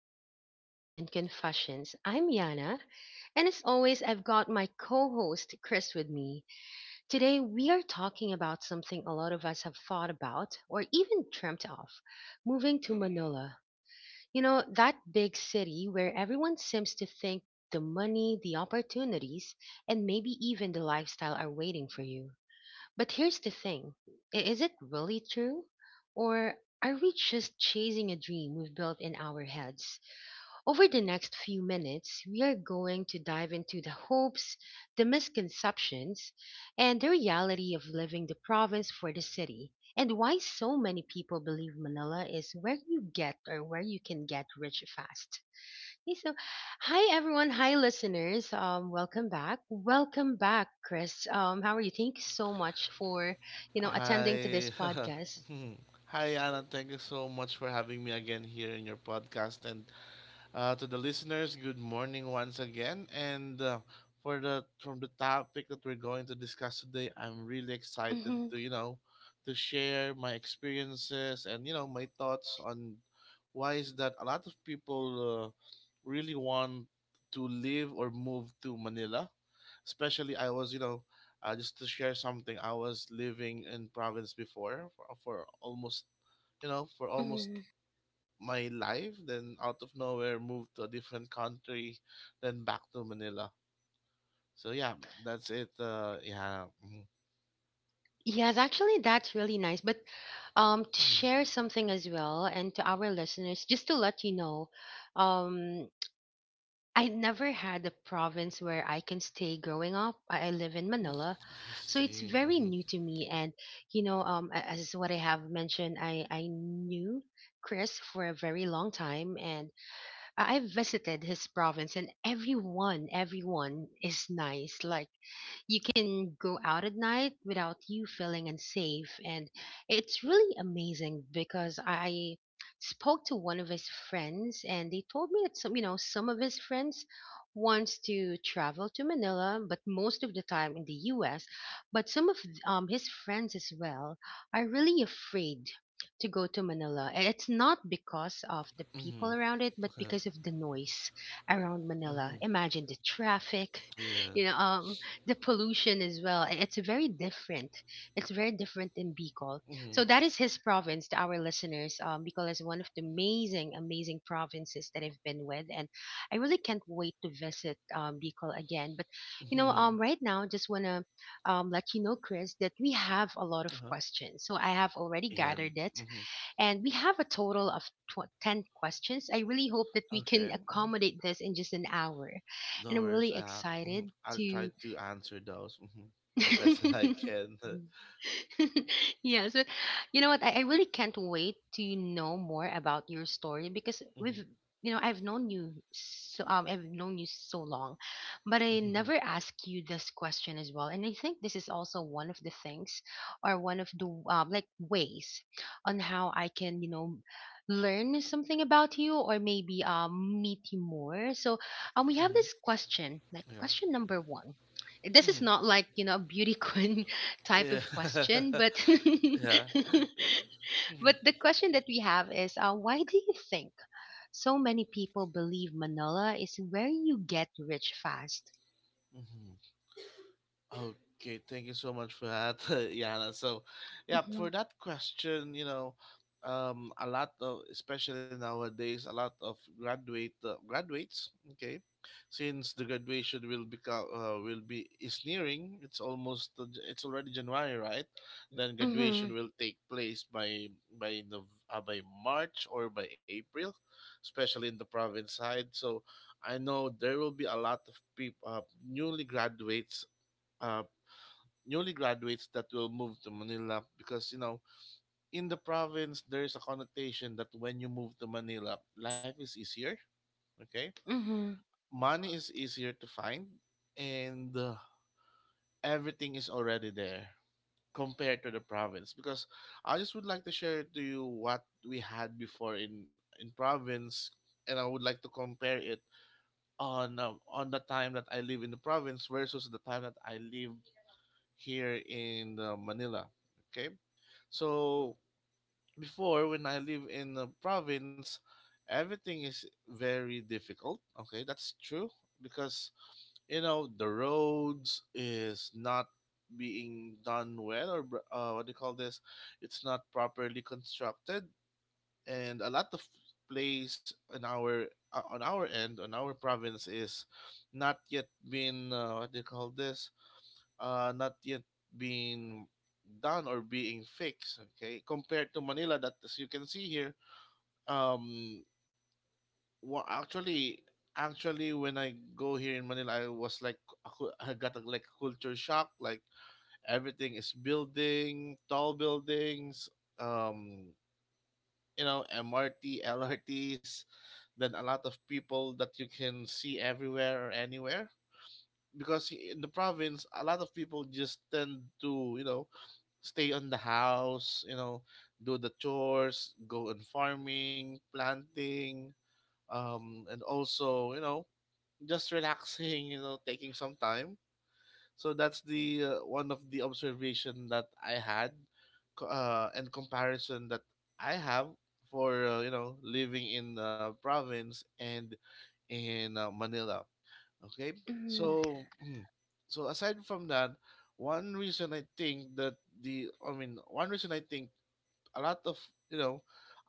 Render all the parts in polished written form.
welcome back to Coffee and Confessions. I'm Yana, and as always, I've got my co host Chris with me. Today, we are talking about something a lot of us have thought about or even dreamt of moving to Manila. You know, that big city where everyone seems to think the money, the opportunities, and maybe even the lifestyle are waiting for you. But here's the thing, is it really true? Or are we just chasing a dream we've built in our heads? Over the next few minutes, we are going to dive into the hopes, the misconceptions, and the reality of living the province for the city, and why so many people believe Manila is where you get, or where you can get rich fast. Okay, so, hi everyone, hi listeners. Welcome back, Chris. How are you? Thank you so much for attending to this Hi. podcast. Hmm. Hi, Anna. Thank you so much for having me again here in your podcast. And to the listeners, good morning once again. And for the from the topic that we're going to discuss today, I'm really excited hmm to to share my experiences and my thoughts on why is that a lot of people really want to live or move to Manila. Especially, I was, you know, just to share something, I was living in province before for almost, you know, for almost my life, then out of nowhere moved to a different country, then back to Manila. So yeah, that's it. Yeah. Mhm, Yes, actually, that's really nice. But to mhm, share something as well, and to our listeners, just to let you know, um, I never had a province where I can stay growing up. I live in mm Manila, I so it's see. very Mhm, new to me. And as what I have mentioned, I knew Chris for a very long time, and I visited his province, and everyone is nice. Like you can go out at night without you feeling unsafe. And it's really amazing because I spoke to one of his friends and they told me that some, some of his friends wants to travel to Manila, but most of the time in the US. But some of his friends as well are really afraid to go to Manila. And it's not because of the people around it, but mhm, because of the noise around Manila. Imagine the traffic, mhm, Yeah. you know, um, the pollution as well. And It's very different. It's very different in Bicol. So mhm, that is his province to our listeners. Bicol is one of the amazing provinces that I've been with, and I really can't wait to visit Bicol again. But mhm, right now, just wanna let you know, Chris, that we have a lot of Uh-huh. questions. So I have already Yeah. gathered it, mhm, and we have a total of ten questions. I really hope that we can Okay. Mhm. accommodate this in just an hour, and No I'm worries. really Mhm, excited I'll try to to answer those the best that I can. yes, but you know what? I really can't wait to know more about your story because Mhm, I've known you so long, but I mhm, never asked you this question as well. And I think this is also one of the things, or one of the like ways, on how I can, you know, learn something about you, or maybe meet you more. So we have mhm, this question, like Yeah. question number one. This is mhm, not like a beauty queen type Yeah. of question, but Yeah. Mhm, but the question that we have is, why do you think so many people believe Manila is where you get rich fast? mhm. Okay, thank you so much for that, Yana. So, yeah, Mm-hmm. for that question, you know, a lot of, especially nowadays, a lot of graduates. Okay, since the graduation will become will be is nearing. It's almost it's already January, right? Then Mm-hmm. graduation will take place by the by March or by April, especially in the province side. So, I know there will be a lot of people Uh, newly graduates that will move to Manila, because you know in the province there is a connotation that when you move to Manila life is easier. Okay, Mm-hmm. money is easier to find, and everything is already there, compared to the province. Because I just would like to share to you what we had before in province, and I would like to compare it on the time that I live in the province versus the time that I live here in Manila. Okay, so before when I live in the province, everything is very difficult. Okay, that's true, because you know the roads is not being done well or what do you call this? It's not properly constructed, and a lot of place in our on our end on our province is not yet been what do you call this, not yet being done or being fixed. Okay, compared to Manila, that as you can see here, um, well, actually, actually, when I go here in Manila, I was like, I got a, like, culture shock. Like everything is building, tall buildings, um, you know, MRT, LRTs, then a lot of people that you can see everywhere or anywhere, because in the province a lot of people just tend to you know stay on the house, you know, do the chores, go on farming, planting, and also you know just relaxing you know taking some time. So that's the one of the observation that I had, and comparison that I have for you know living in province and in Manila. Okay. Mm-hmm. So, so aside from that, one reason I think that one reason I think a lot of, you know,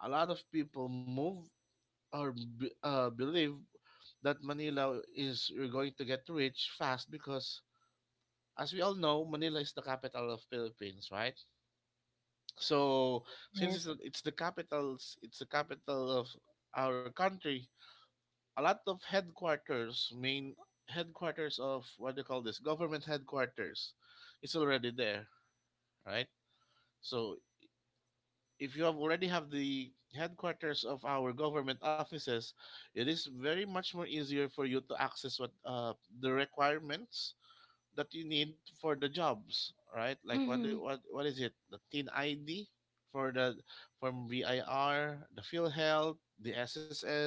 a lot of people move or believe that Manila is you're going to get rich fast, because, as we all know, Manila is the capital of Philippines, right? So since Yes. It's the capital of our country, a lot of headquarters, main headquarters of, what do you call this, government headquarters is already there, right? So if you have already have the headquarters of our government offices, it is very much more easier for you to access what the requirements that you need for the jobs, right? Like what Mm-hmm. do, what is it? The TIN ID, for the, from VIR, the PhilHealth, the SSS,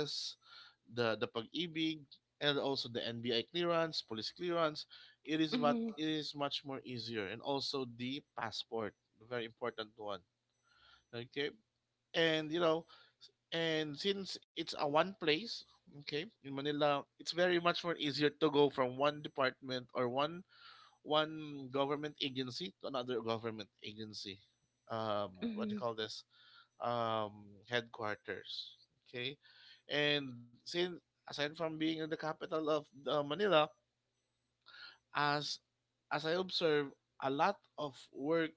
the pag-ibig, and also the NBI clearance, police clearance. Mm-hmm. It is much more easier, and also the passport, the very important one. Okay, and you know, and since it's a one place, okay, in Manila, it's very much more easier to go from one department or one government agency to another government agency. What do Mm-hmm. you call this? Headquarters. Okay, and since, aside from being in the capital of Manila, as I observe, a lot of work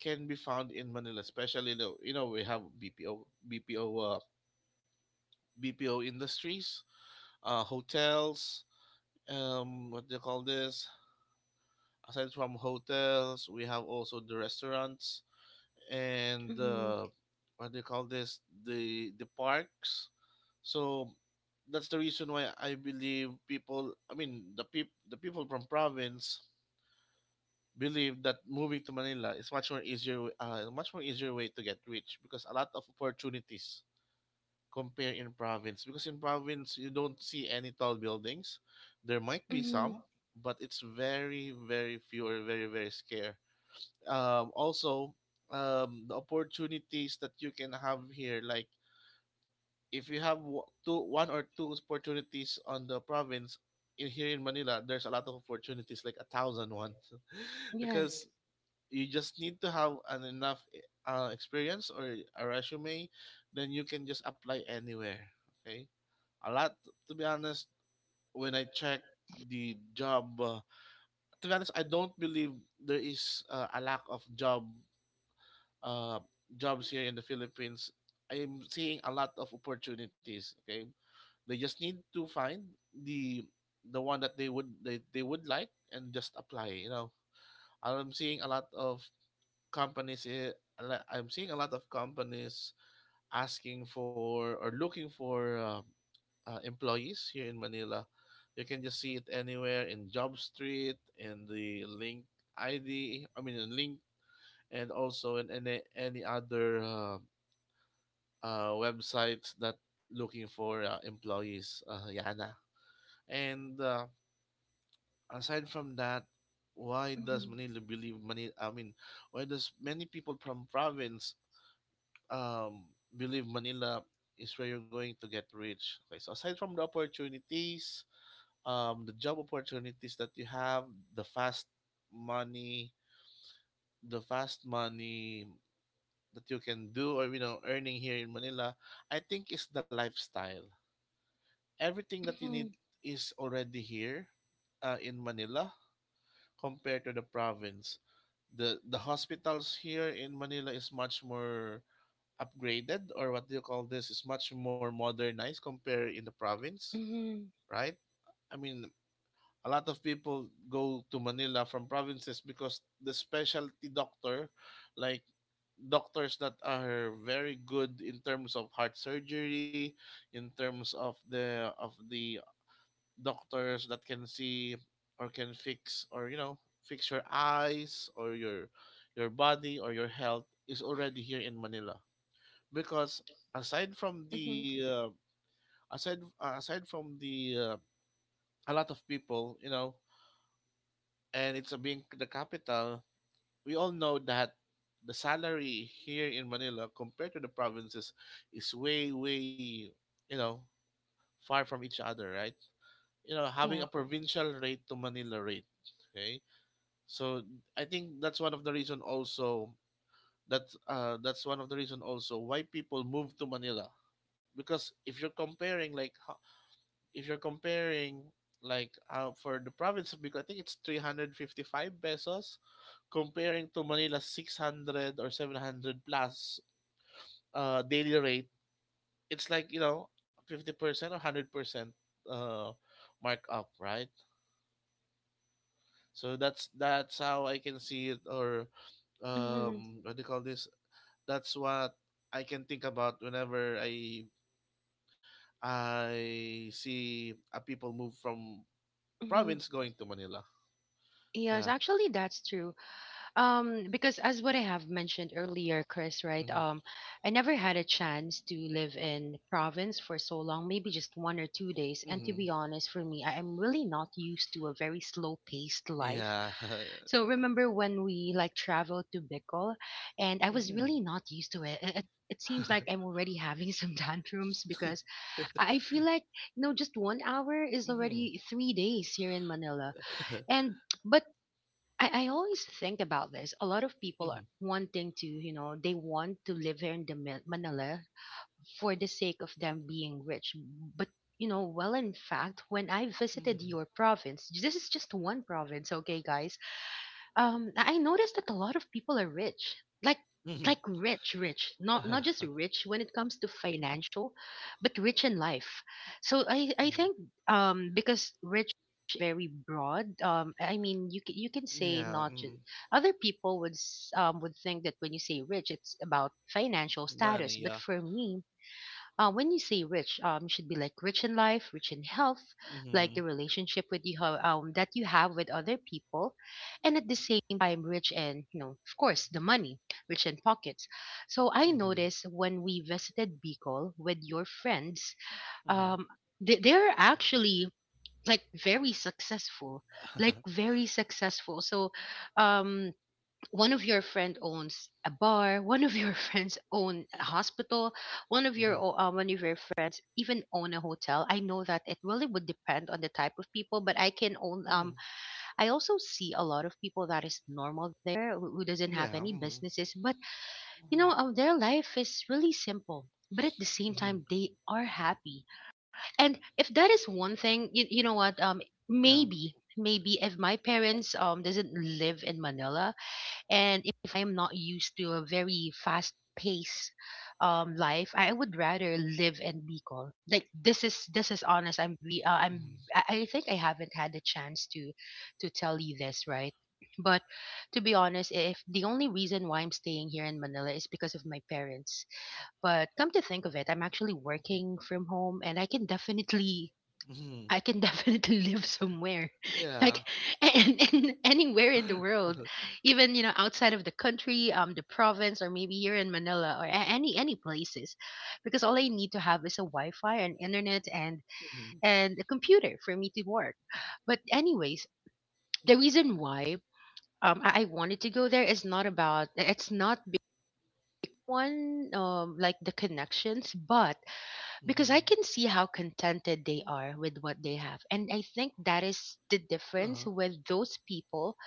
can be found in Manila, especially the, you know we have BPO industries, hotels. What do you call this? Aside from hotels, we have also the restaurants, and Mm-hmm. What do you call this, the parks. So that's the reason why I believe people, I mean the people from province believe that moving to Manila is much more easier way to get rich, because a lot of opportunities compare in province, because in province you don't see any tall buildings. There might be Mm-hmm. some, but it's very very few or very very scarce. Um, also, the opportunities that you can have here, like if you have w- two one or two opportunities on the province, in here in Manila there's a lot of opportunities, like a thousand one. Yes. Because you just need to have an enough experience or a resume, then you can just apply anywhere. Okay, a lot, to be honest, when I check the job, to be honest I don't believe there is a lack of uh, jobs here in the Philippines, I'm seeing a lot of opportunities. Okay, they just need to find the the one that they would like and just apply. You know, I'm seeing a lot of companies. eh, a I'm seeing a lot of companies asking for or looking for employees here in Manila. You can just see it anywhere in Job Street, in the link ID. I mean, in link and also in any other websites that looking for employees, Yana. And aside from that, why does Mm-hmm. Manila, I mean, why does many people from province um, believe Manila is where you're going to get rich? Okay, so aside from the opportunities, the job opportunities that you have, the fast money, the fast money that you can do or you know earning here in Manila, I think is the lifestyle. Everything that you need Mm-hmm. is already here in Manila, compared to the province. The hospitals here in Manila is much more upgraded, or what do you call this, is much more modernized compared in the province, Mm-hmm. right? I mean, a lot of people go to Manila from provinces because the specialty doctor, like doctors that are very good in terms of heart surgery, in terms of the doctors that can see or can fix, or you know fix your eyes or your body or your health, is already here in Manila, because aside from Mm-hmm. the aside from the a lot of people you know, and it's a being the capital, we all know that the salary here in Manila compared to the provinces is way, you know, far from each other, right? You know having a Yeah. provincial rate to Manila rate. Okay. So I think that's one of the reason also that, that's one of the reason also why people move to Manila, because if you're comparing like if you're comparing for the province of Bicol I think it's 355 pesos, comparing to Manila 600 or 700 plus daily rate, it's like you know 50% or 100% uh markup, right? So that's how I can see it, or Mm-hmm. What do you call this, that's what I can think about whenever I see a people move from Mm-hmm. province going to Manila. Yes, Yeah. actually, that's true. Because as what I have mentioned earlier, Chris, right? Mhm. I never had a chance to live in province for so long, maybe just one or two days. And to Mhm. be honest, for me, I am really not used to a very slow-paced life. Yeah. So remember when we like traveled to Bicol, and I was mhm. really not used to it. It seems like I'm already having some tantrums because I feel like just one hour is already mhm. three days here in Manila, and but I always think about this. A lot of people are Mhm. wanting to, you know, they want to live here in the Manila for the sake of them being rich. But you know, well, in fact, when I visited Mhm. your province, this is just one province, okay, guys, I noticed that a lot of people are rich. Like Mhm. Mhm. like rich, rich. Not just rich when it comes to financial, but rich in life. So I think because rich is very broad. You can, you can say Yeah. not just, Mm. other people would s- would think that when you say rich it's about financial status, Money. but Yeah. for me, when you say rich, you should be like rich in life, rich in health, like Mhm. the relationship with that you have with other people, and at the same time, rich in you know, of course, the money, rich in pockets. So I Mhm. noticed when we visited Bicol with your friends, Mhm. um, they, they're actually like very successful, Mhm. like Mhm. very successful. So, um, one of your friend owns a bar, one of your friends own a hospital, one of your friends even own a hotel. I know that it really would depend on the type of people, but I can own I also see a lot of people that is normal there, who doesn't have Yeah. any Mhm. businesses, but their life is really simple. But at the same Mhm. time, Mhm. they are happy. And if that is one thing, you know what? Yeah. Maybe if my parents doesn't live in Manila, and if I'm not used to a very fast paced life, I would rather live in Bicol. Like, this is, this is honest. I'm, Mhm. I think I haven't had a chance to tell you this, right? But to be honest, if the only reason why I'm staying here in Manila is because of my parents, but come to think of it, I'm actually Mhm. working from home, and I can definitely, Mhm. I can definitely live somewhere, Yeah. like and anywhere in the world, even you know outside of the country, the province, or maybe here in Manila, or any places, because all I need to have is a Wi-Fi and internet Mhm. and a computer for me to work. But anyways, the reason why I wanted to go there is not about, it's not big one like the connections, but because I Mhm. can see how contented they are with what they have. And I think that is the difference Uh-huh. with those people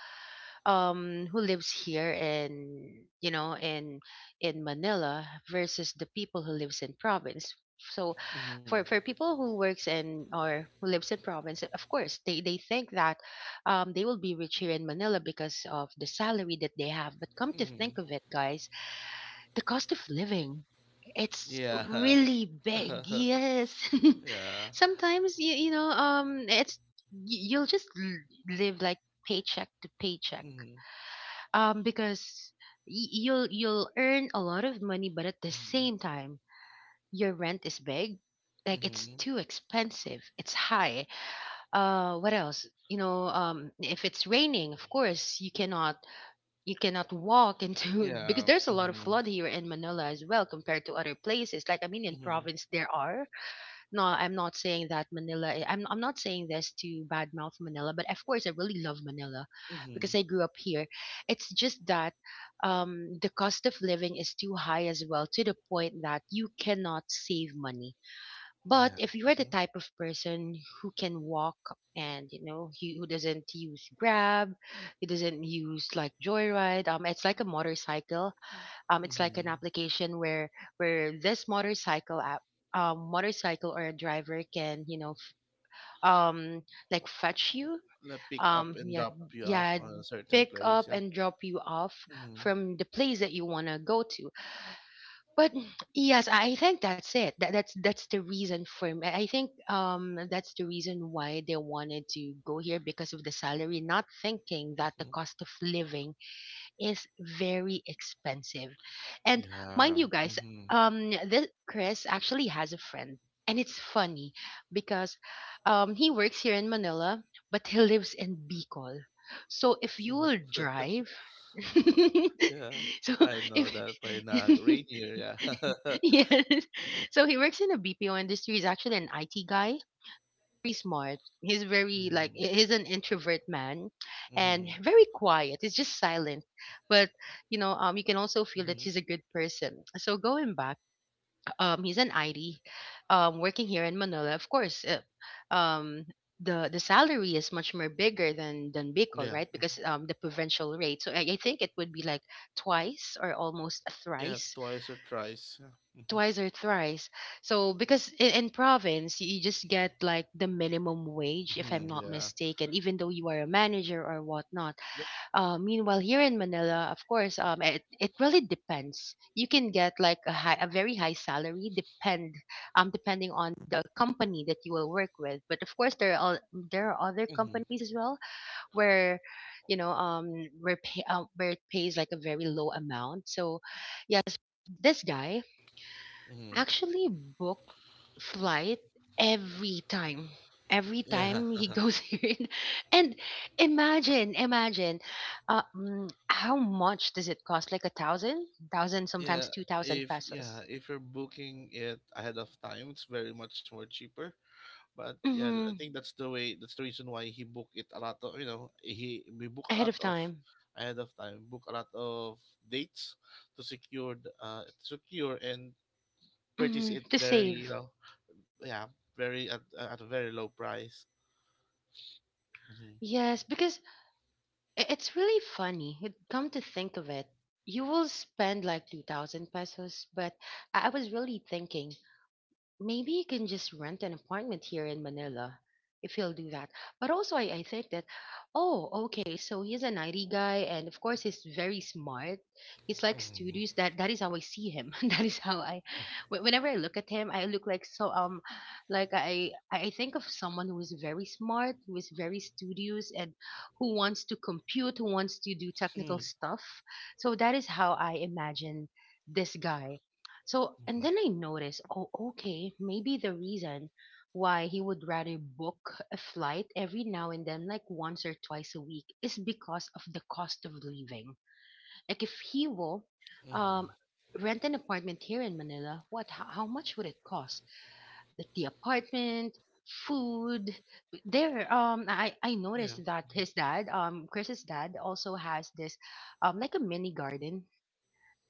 who lives here in in Manila versus the people who lives in province. So Mhm. For people who works in or who lives in province, of course, they think that they will be rich here in Manila because of the salary that they have. But come to Mm-hmm. think of it, guys, the cost of living, it's Yeah. really big. Yes. yeah. Sometimes it's you'll just live like paycheck to paycheck. Mm-hmm. Um, because you'll earn a lot of money, but at the Mm-hmm. same time your rent is big. Like it's Mm-hmm. too expensive. It's high. Uh, what else? You know if it's raining, of course you cannot, you cannot walk into because Yeah. there's a lot of Mm-hmm. flood here in Manila as well compared to other places. Like I mean, in Mm-hmm. province there are. No, I'm not saying that Manila, I'm not saying this to badmouth Manila, but of course I really love Manila because Mm-hmm. I grew up here. It's just that the cost of living is too high as well, to the point that you cannot save money, but Yeah. if you're the Mm-hmm. type of person who can walk and you know who doesn't use Grab, who doesn't use like Joyride. Um, it's like a motorcycle. It's like an Mm-hmm. application where this motorcycle app, motorcycle or a driver can you know um like fetch you, Like pick up and yeah, drop you off yeah, on a certain pick up place. Yeah. and drop you off Mm-hmm. from the place that you wanna go to, but yes, I think that's it. That, that's the reason for me. I think that's the reason why they wanted to go here because of the salary, not thinking that the Mm-hmm. cost of living is very expensive. And mind Yeah. you guys, Mm-hmm. This Chris actually has a friend, and it's funny because he works here in Manila but he lives in Bicol. So if you will drive yeah. so I know if that by now. Rainier. Yeah. yes, so he works in the BPO industry. He's actually an IT guy, very smart. He's very like mm-hmm. he's an introvert man, and Mm-hmm. very quiet. He's just silent, but you know, you can also feel that Mm-hmm. he's a good person. So going back, he's an ID, working here in Manila. Of course, um, the salary is much more bigger than Bicol, Yeah. right? Because the provincial rate. So I think it would be like twice or almost Yeah. thrice Twice or thrice. Yeah. Mm-hmm. twice or thrice. So because in province you just get like the minimum wage, if I'm Mm-hmm. not Yeah. mistaken, even though you are a manager or whatnot. Yep. Meanwhile, here in Manila, of course, it really depends. You can get like a high, a very high salary, depending on the company that you will work with. But of course, there are there are other Mm-hmm. companies as well where, you know, um, where it pays like a very low amount. So, yes, this guy Mm-hmm. actually booked flight every time. Every Yeah. time he goes here, and imagine, how much does it cost? Like a thousand, thousand, sometimes Yeah, 2,000 yeah, pesos. if you're booking it ahead of time, it's very much more cheaper. But yeah, I Mm-hmm. think that's the way. That's the reason why he booked it a lot of you know he we book a Ahead lot of of time. ahead of time, book a lot of dates to secure secure and purchase it, To very you save. know yeah, very at a very low price. Mm-hmm. Yes, because it's really funny. Come to think of it, you will spend like 2,000 pesos, but I was really thinking, maybe you can just rent an apartment here in Manila if he'll do that. But also, I think that, oh, okay, so he's an IT guy, and of course, he's very smart. He's like studious. Mm-hmm. That is how I see him. that is how I, wh- Whenever I look at him, I look like, so, like, I think of someone who is very smart, who is very studious, and who wants to compute, who wants to do technical stuff. So that is how I imagine this guy. So, and then Mm-hmm. I noticed, oh, okay, maybe the reason why he would rather book a flight every now and then, like once or twice a week, is because of the cost of living. Like, if he will Mm-hmm. um, rent an apartment here in Manila, what, how much would it cost? The apartment, food there. I Yeah. noticed that his Mm-hmm. dad, Chris's dad, also has this, like a mini garden,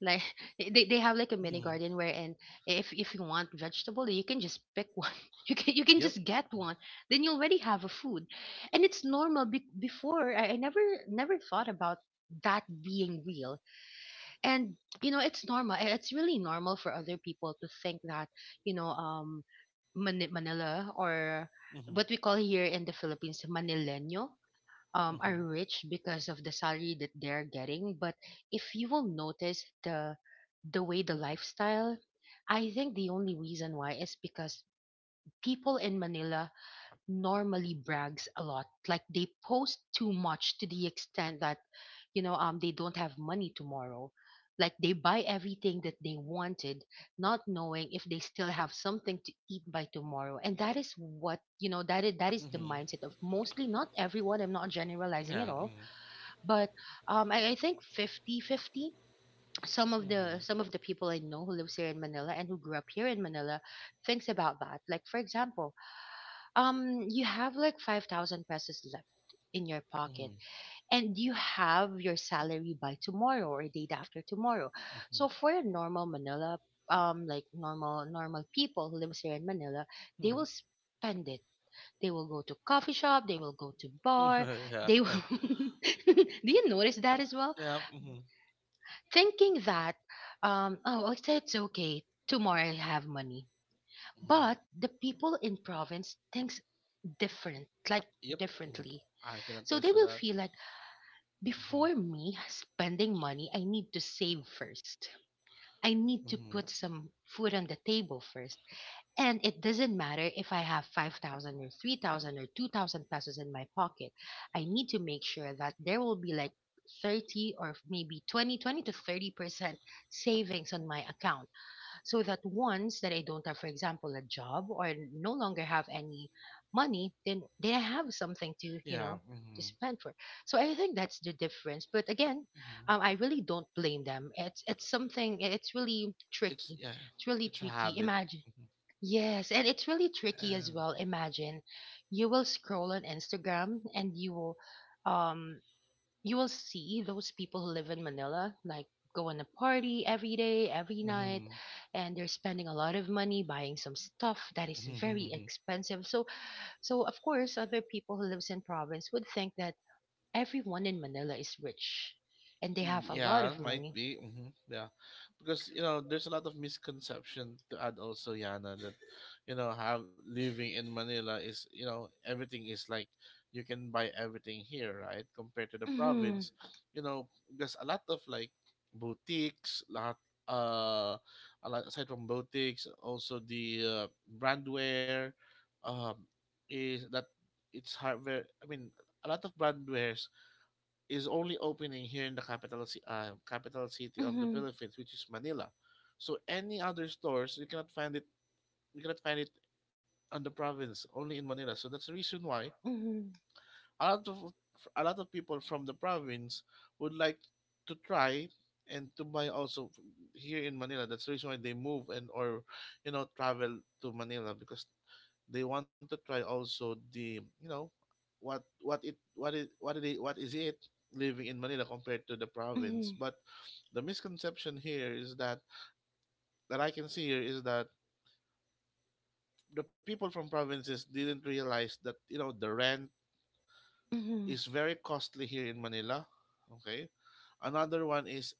like they have like a mini Mm-hmm. garden, where and if you want vegetable, you can just pick one. You can Yep. just get one, then you already have a food. And it's normal before I never thought about that being real. And you know it's normal, it's really normal for other people to think that you know um Manila, or Mm-hmm. what we call here in the Philippines, manileño, are Mm-hmm. rich because of the salary that they're getting. But if you will notice the way, the lifestyle, I think the only reason why is because people in Manila normally brags a lot. Like they post too much to the extent that they don't have money tomorrow. Like they buy everything that they wanted, not knowing if they still have something to eat by tomorrow. And that is what you know. That is the Mm-hmm. mindset of mostly, not everyone. I'm not generalizing Yeah. at all, Mm-hmm. but I think fifty-fifty. some of the Mm-hmm. some of the people I know who lives here in Manila and who grew up here in Manila thinks about that. Like, for example, you have like 5,000 pesos left in your pocket Mm-hmm. and you have your salary by tomorrow or day after tomorrow. Mhm. So for a normal Manila, like normal people who lives here in Manila, they Mhm. will spend it. They will go to coffee shop, they will go to bar, Yeah. they will do. You notice that as well? Yeah. Mhm. Thinking that, oh, it's okay, tomorrow I'll have money. Mhm. But the people in province thinks different like Yep. Mhm. differently. I can So they attest to will that. feel like, Mhm. before me spending money, I need to save first. I need to Mhm. put some food on the table first. And it doesn't matter if I have 5,000 or 3,000 or 2,000 pesos in my pocket. I need to make sure that there will be like 30 or maybe 20 to 30% savings on my account. So that once that I don't have, for example, a job or no longer have any money, then I have something to, you Yeah. know, to Mhm. spend for. So I think that's the difference. But again, Mhm. I really don't blame them. It's something, It's yeah. it's really It's a tricky. habit. Imagine. Mhm. Yes, and it's really tricky And. as well. Imagine, you will scroll on Instagram and um you will see those people who live in Manila, like going to party every day, every night, and they're spending a lot of money buying some stuff that is very Mhm. expensive. So of course other people who lives in province would think that everyone in Manila is rich and they Mm, have a lot yeah, of might money. be. Hmm, yeah, because you know there's a lot of misconception to add also, Yana, that you know have living in Manila is you know everything is like you can buy everything here, right? Compared to the Mhm. province, you know, there's a lot of like boutiques, lot uh, a lot aside from boutiques, also the brandware, um, is that it's hardware. I mean, a lot of brandwares is only opening here in the capital capital city of the Mhm. Philippines, which is Manila. So any other stores you cannot find it. You cannot find it on the province, only in Manila. So that's the reason why Mhm. a lot of a lot of people from the province would like to try and to buy also here in Manila. That's the reason why they move and or you know travel to Manila because they want to try also the you know what is it living in Manila compared to the province. Mhm. But the misconception here is that I can see here is that the people from provinces didn't realize that you know the rent Mhm. is very costly here in Manila. Okay, another one is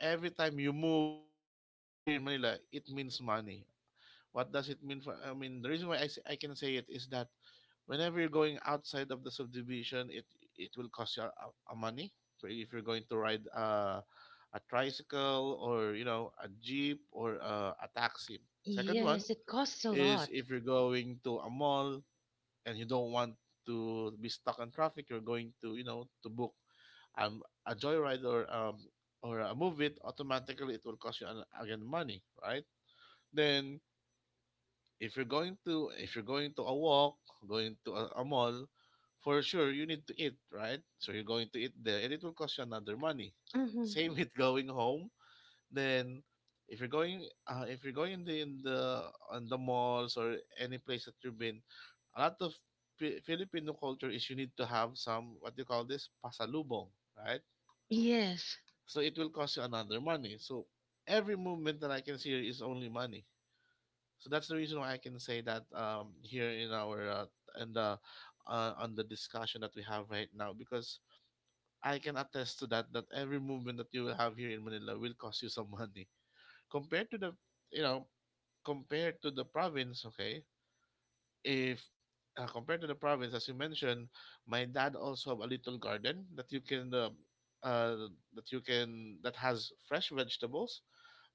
every time you move here in Manila, it means money. What does it mean for? I mean, the reason why I say, I can say it is that whenever you're going outside of the subdivision, it will cost you a money. So if you're going to ride a tricycle or you know a jeep or a taxi. Second one Yes, it costs a lot. is if you're going to a mall and you don't want to be stuck in traffic, you're going to to book a joyride or a movie. Automatically, it will cost you again money, right? Then if you're going to a walk, going to a mall, for sure you need to eat, right? So you're going to eat there, and it will cost you another money. Hmm. Same with going home. Then, if you're going in the on the malls or any place that you've been, a lot of Filipino culture is you need to have some what do you call this pasalubong, right? Yes. So it will cost you another money. So every movement that I can see here is only money. So that's the reason why I can say that here in our in the on the discussion that we have right now, because I can attest to that that every movement that you will have here in Manila will cost you some money compared to the you know compared to the province. Okay, if compared to the province, as you mentioned, my dad also have a little garden that you can. Uh, that you can that has fresh vegetables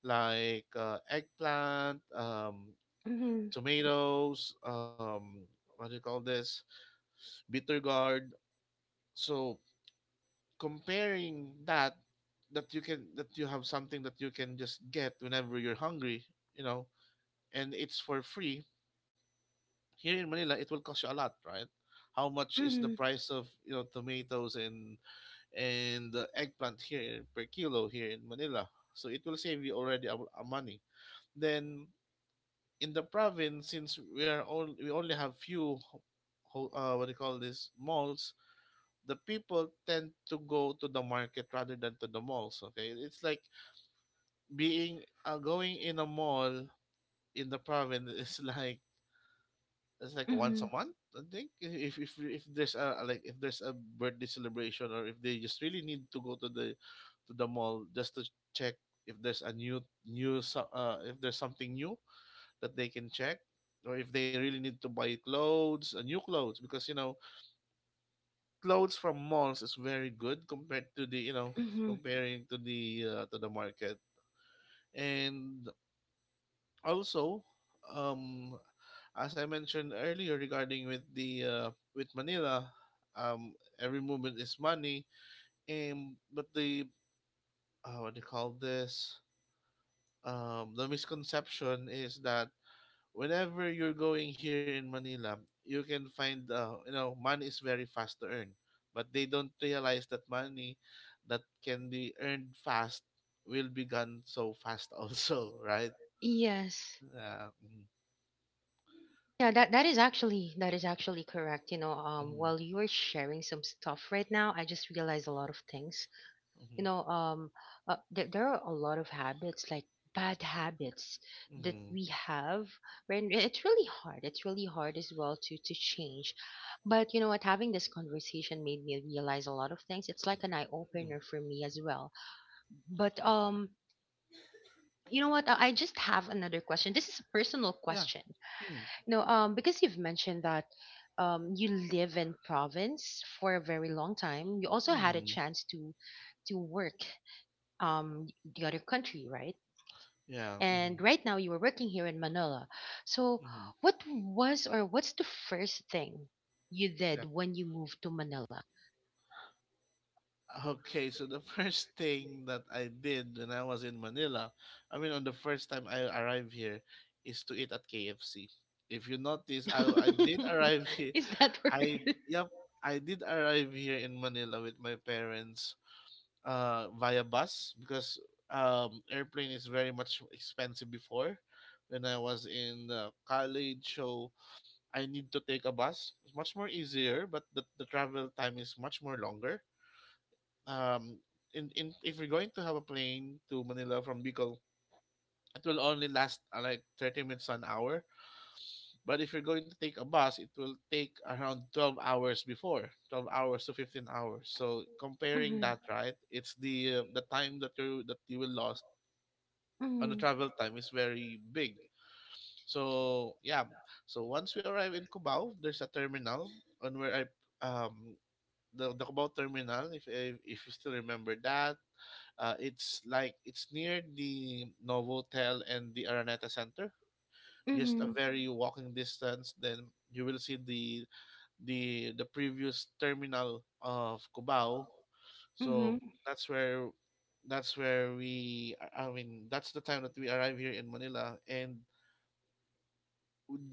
like eggplant, Hmm. tomatoes, what do you call this, bitter gourd. So comparing that, that you can that you have something that you can just get whenever you're hungry, you know, and it's for free. Here in Manila, it will cost you a lot, right? How much is the Hmm. price of you know tomatoes and the eggplant here per kilo here in Manila? So it will save you already a money. Then in the province, since we are all we only have few, what do you call this malls. The people tend to go to the market rather than to the malls. Okay, it's like being going in a mall in the province is like it's like once Hmm. a month. I think if there's a like if there's a birthday celebration or if they just really need to go to the mall just to check if there's a new new so- if there's something new that they can check or if they really need to buy clothes new clothes because you know clothes from malls is very good compared to the you know Hmm. comparing to the to the market and also um as I mentioned earlier regarding with the with Manila um every movement is money and but the what do you call this the misconception is that whenever you're going here in Manila, you can find money is very fast to earn, but they don't realize that money that can be earned fast will be gone so fast also, right? Yes. Yeah. Mm-hmm. Yeah, that is actually correct. You know, Mm-hmm. while you were sharing some stuff right now, I just realized a lot of things. you know um there are a lot of habits, like bad habits, Mm-hmm. that Mm-hmm. we have. When it's really hard as well to change. But you know what, having this conversation made me realize a lot of things. It's like an eye Mm-hmm. opener for me as well. But you know what, I just have another question. This is a personal Yeah. question. Mm-hmm. Because you've mentioned that, you live in province for a very long time, you also had a Mm-hmm. chance to work, um the other country, right? Yeah. Mm-hmm. And right now you were working here in Manila. So Mm-hmm. what was or what's the first thing you Yeah. did when you moved to Manila? Okay, so the first thing that I did when I was in Manila, I mean, on the first time I arrived here, is to eat at KFC. If you notice, I did arrive here. Is that I word? yep, I did arrive here in Manila with my parents, via bus because airplane is very much expensive before. When I was in college, so I need to take a bus. It's much more easier, but the travel time is much more longer um in if we're going to have a plane to Manila from Bicol, it will only last like 30 minutes an hour. But if you're going to take a bus, it will take around 12 hours before, 12 hours to 15 hours. So comparing Mhm, that, right, it's the time that you will lost on the mhm, travel time is very big. So yeah, so once we arrive in Cubao, there's a terminal on where I um the Cubao terminal if you still remember that. It's near the Novotel and the Araneta Center. Just a mhm, very walking distance. Then you will see the previous terminal of Cubao. So mhm. that's where that's where we I mean that's the time that we arrive here in Manila and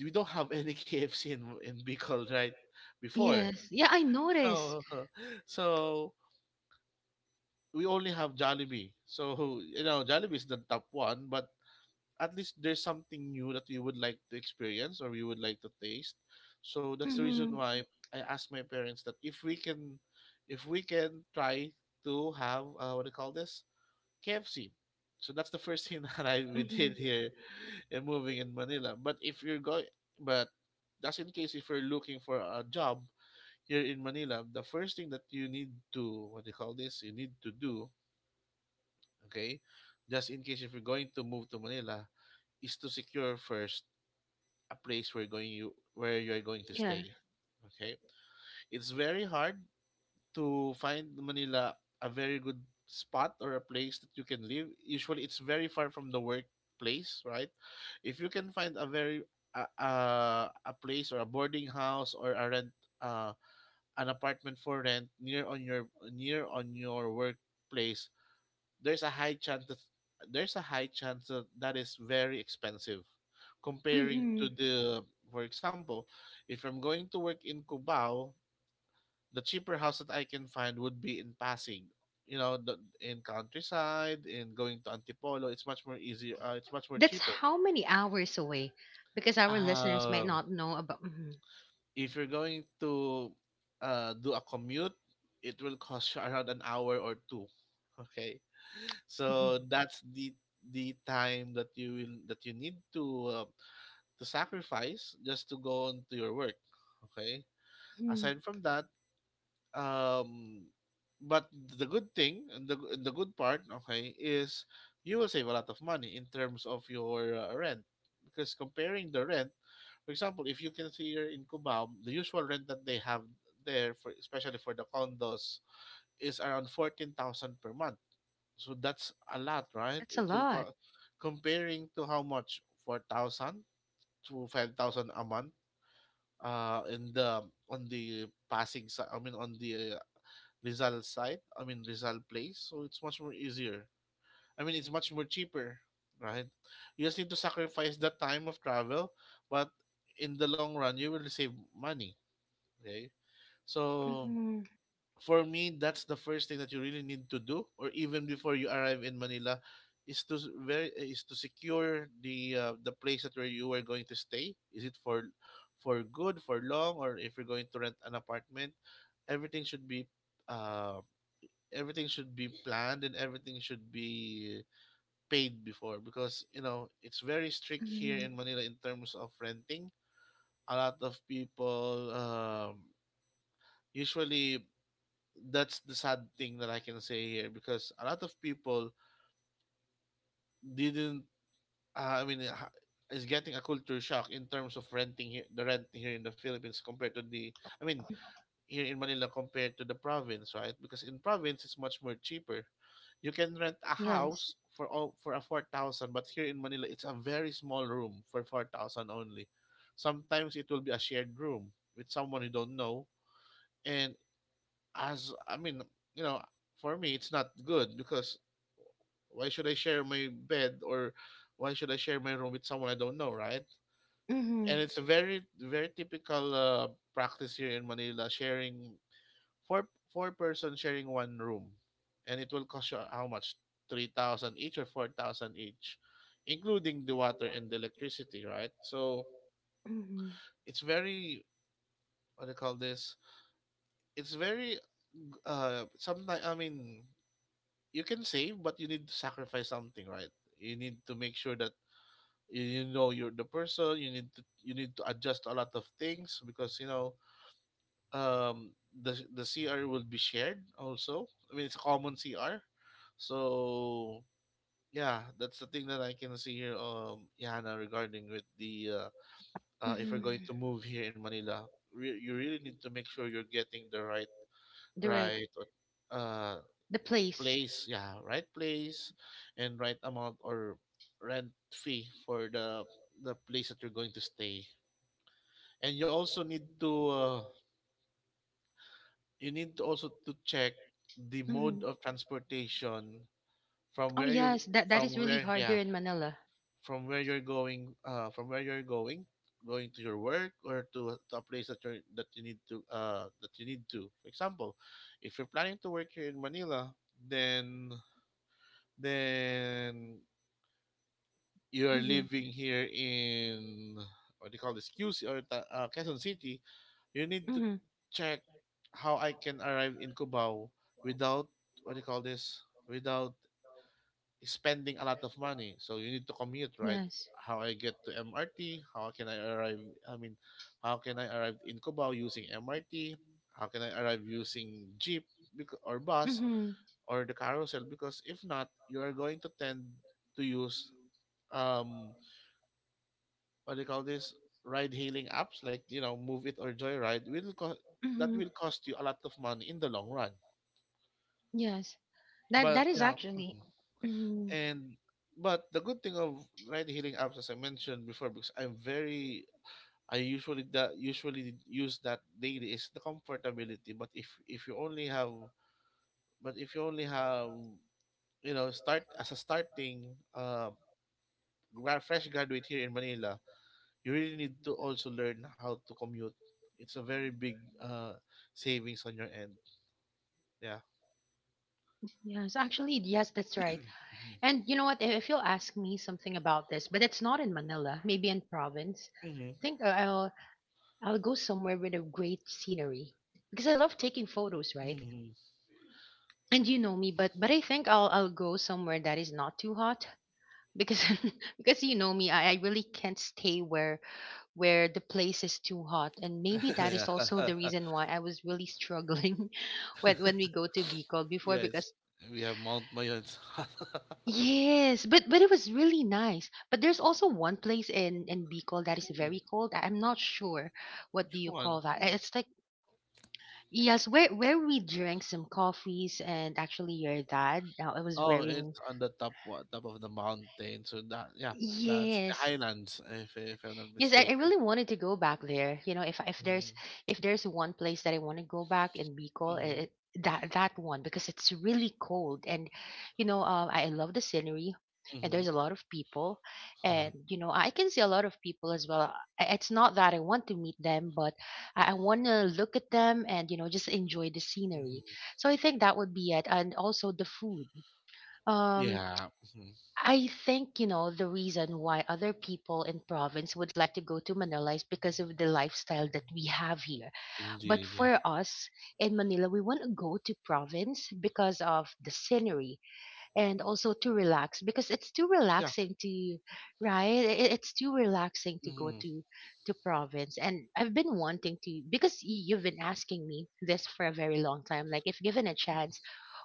we don't have any KFC in Bicol right before. Yes. Yeah, I noticed. So so we only have Jollibee. So you know Jollibee is the top one, but at least there's something new that we would like to experience or we would like to taste. So that's the reason Mm-hmm. why I asked my parents that if we can try to have what do you call this KFC. So that's the first thing that I we did Mm-hmm. here, in moving in Manila. But just in case if you're looking for a job here in Manila, the first thing that you need to what do you call this, you need to do, okay, just in case if you're going to move to Manila, is to secure first a place where you are going to Yeah. stay. Okay, it's very hard to find Manila a very good spot or a place that you can live. Usually, it's very far from the workplace, right? If you can find a very a, a, a place or a boarding house or a rent uh, an apartment for rent near on your workplace, there's a high chance that there's a high chance that is very expensive comparing Mm-hmm. to the for example, if I'm going to work in Cubao, the cheaper house that I can find would be in Pasig, you know, the, in countryside in going to Antipolo, it's much more easier, it's much more That's cheaper. how many hours away? Because our listeners might um not know about. Mm-hmm. if you're going to do a commute, it will cost you around an hour or two, okay. So Mm-hmm. that's the time that you will that you need uh, to sacrifice just to go on to your work. Okay. Mm-hmm. Aside from that, um, but the good thing and the good part, okay, is you will save a lot of money in terms of your rent because comparing the rent, for example, if you consider in Cubao, the usual rent that they have there for especially for the condos is around 14,000 per month, so that's a lot, right? That's a lot. Comparing to how much 4,000 to 5,000 a month. In the on the passing side, I mean on the Rizal side, I mean Rizal place. So it's much more easier. I mean it's much more cheaper, right? You just need to sacrifice that time of travel, but in the long run you will save money. Okay, so Mm-hmm. for me that's the first thing that you really need to do, or even before you arrive in Manila is to s- very is to secure the place that where you are going to stay, is it for good, for long, or if you're going to rent an apartment. Everything should be uh, everything should be planned, and everything should be paid before, because you know it's very strict here Mm-hmm. in Manila in terms of renting. A lot of people, usually, that's the sad thing that I can say here, because a lot of people didn't. I mean, is getting a culture shock in terms of renting here, the rent here in the Philippines compared to the. I mean, here in Manila compared to the province, right? Because in province it's much more cheaper. You can rent a Yes. house for a 4,000, but here in Manila it's a very small room for 4,000 only. Sometimes it will be a shared room with someone you don't know, and, as I mean, you know, for me, it's not good, because why should I share my bed, or why should I share my room with someone I don't know, right? And Mhm. it's a very, very typical practice here in Manila, sharing four four-person sharing one room, and it will cost you how much? 3,000 each or 4,000 each, including the water and the electricity, right? So Mhm. it's very, what do you call this? It's very, sometimes, I mean, you can save, but you need to sacrifice something, right? You need to make sure that you're the person. You need to adjust a lot of things, because you know the CR will be shared also. I mean, it's a common CR, so yeah, that's the thing that I can see here, Yana, regarding with the, if you're going to Mhm. move here in Manila. You really need to make sure you're getting the The right, right uh the place. place, yeah, right place, and right amount or rent fee for the place that you're going to stay. And you also need to, you need to also to check the mode Mhm. of transportation from Oh where you, yes, that from is really where, hard here yeah, in Manila. from where you're going, from where you're going, to your work, or to, to a place that you need to, that you need to, for example, if you're planning to work here in Manila, then, then you are Mhm. living here in, what do you call this QC, or Quezon City. You need to Mhm. check how I can arrive in Cubao, without what do you call this without spending a lot of money. So you need to commute, right? Yes. How I get to MRT? How can I arrive? I mean, how can I arrive in Cubao using MRT? How can I arrive using jeep, or bus, Mhm. or the carousel? Because if not, you are going to tend to use, um what do you call this ride hailing apps, like, move it or joyride, that Mhm. will cost you a lot of money in the long run. Yes. That But that is yeah. actually. Mhm. Mhm. and but the good thing of ride hailing apps, as I mentioned before, because I'm very, I usually, that usually use that daily, is the comfortability. But if, you only have, but if you only have, start as a starting, uh fresh graduate here in Manila, you really need to also learn how to commute. It's a very big savings on your end. Yeah. Yes, actually, yes, that's right. And you know what? If you'll ask me something about this, but it's not in Manila, maybe in province. Hmm. I think I'll go somewhere with a great scenery because I love taking photos, right? Hmm. And you know me, but I think I'll go somewhere that is not too hot because because you know me, I really can't stay where the place is too hot, and maybe that Yeah. is also the reason why I was really struggling when we go to Bicol before Yes. because We have Mount Mayans. yes. But it was really nice, but there's also one place in Bicol that is Mhm. very cold. I'm not sure what do Which you one? call that. Mm. It's like, yes, where we drank some coffees, and actually, your dad, I was Oh, wearing, it's on the top, top of the mountain. So that, yeah, that's the yes. highlands, if I'm not Yes, I mistaken. really wanted to go back there. You know, Hmm. If there's one place that I want to go back in Bicol, Hmm. it, that that one because it's really cold, and you know, I love the scenery, and Hmm. there's a lot of people, and you know I can see a lot of people as well. It's not that I want to meet them, but I want to look at them, and you know, just enjoy the scenery. Hmm. So I think that would be it, and also the food. Um, Yeah. Hmm. I think, you know, the reason why other people in province would like to go to Manila is because of the lifestyle that we have here. But Indeed. Yeah. for us in Manila, we want to go to province because of the scenery, and also to relax because it's too Yeah. relaxing to. It's too relaxing to go Hmm. To province, and I've been wanting to because you've been asking me this for a very long time, like, if given a chance,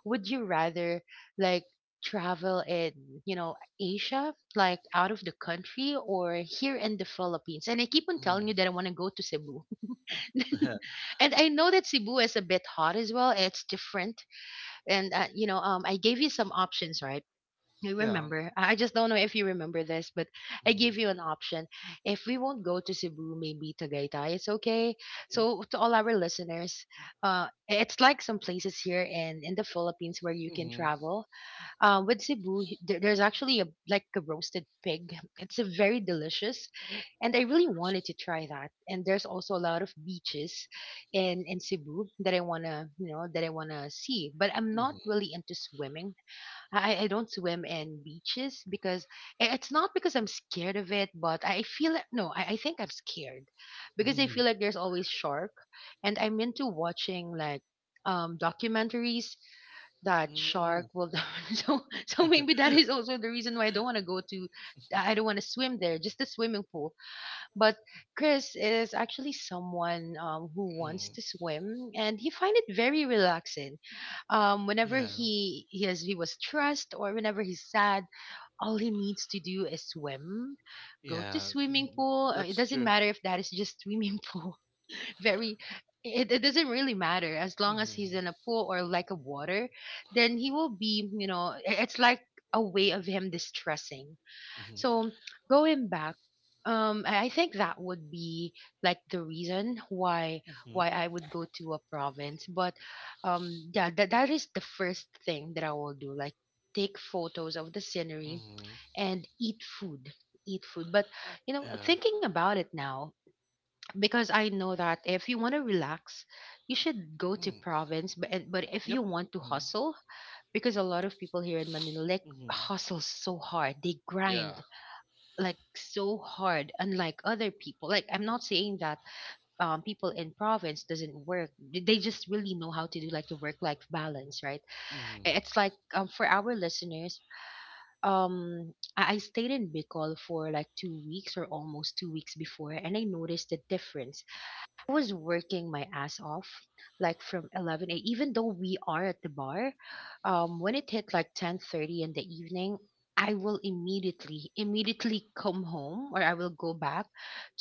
would you rather like travel in, you know, Asia, like out of the country, or here in the Philippines, and I keep on Hmm. telling you that I want to go to Cebu. And I know that Cebu is a bit hot as well, it's different. And you know, I gave you some options, right? I Yeah. remember. I just don't know if you remember this, but I give you an option. If we won't go to Cebu, maybe Tagaytay, it's okay. So to all our listeners, it's like some places here in the Philippines where you can Mhm. travel. With Cebu, there's actually a like a roasted pig. It's a very delicious, and I really wanted to try that. And there's also a lot of beaches in Cebu that I wanna that I wanna see. But I'm not Mhm. really into swimming. I don't swim in beaches because it's not because I'm scared of it, but I feel no, I think I'm scared because I Mhm. feel like there's always shark, and I'm into watching like documentaries that shark Mhm. will so so maybe that is also the reason why I don't want to go to Mhm. I don't want to swim there, just the swimming pool. But Chris is actually someone who wants Mhm. to swim, and he find it very relaxing. Um, whenever Yeah. he he has he was stressed or whenever he's sad, all he needs to do is swim, go to Yeah. swimming Mm. pool. It That's doesn't true. matter if that is just swimming pool. very, it doesn't really matter as long as he's Mhm. in a pool or like a water, then he will be it's like a way of him distressing. Mhm. So going back, I think that would be like the reason why Mhm. I would go to a province. But yeah, that is the first thing that I will do. Like take photos of the scenery Mhm. and eat food, eat food. But Yeah. thinking about it now, because I know that if you want to relax, you should go to Mm. province. But if Yep. you want to Mhm. hustle, because a lot of people here in Manila like Mhm. hustle so hard, they Yeah. grind like so hard, unlike other people. Like, I'm not saying that people in province doesn't work. They just really know how to do like a work life balance, right? Mhm. It's like, for our listeners, I stayed in Bicol for like 2 weeks or almost 2 weeks before, and I noticed the difference. I was working my ass off, like from 11 a. Even though we are at the bar, when it hit like 10:30 in the evening, I will immediately come home, or I will go back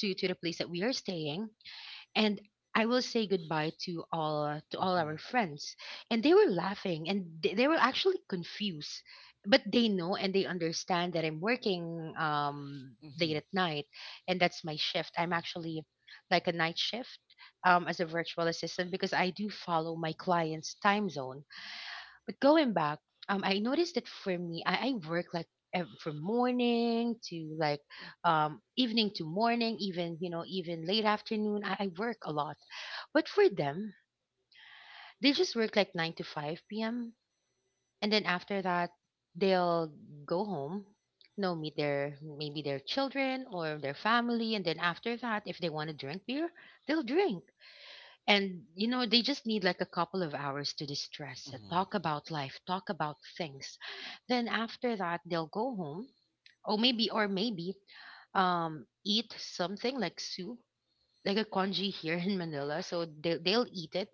to the place that we are staying, and I will say goodbye to all Mhm. our friends. And they were laughing, and they were actually confused, but they know and they understand that I'm working Mhm. late at night, and that's my shift. I'm actually like a night shift as a virtual assistant because I do follow my client's time zone. But going back, I noticed that for me, I work like from morning to like evening to morning, even even late afternoon. I work a lot, but for them, they just work like 9 to 5 p.m., and then after that, they'll go home. You know, meet their maybe their children or their family, and then after that, if they want to drink beer, they'll drink. And you know, they just need like a couple of hours to distress, Mhm. talk about life, talk about things. Then after that, they'll go home, or maybe, eat something like soup, like a congee here in Manila. So they'll eat it,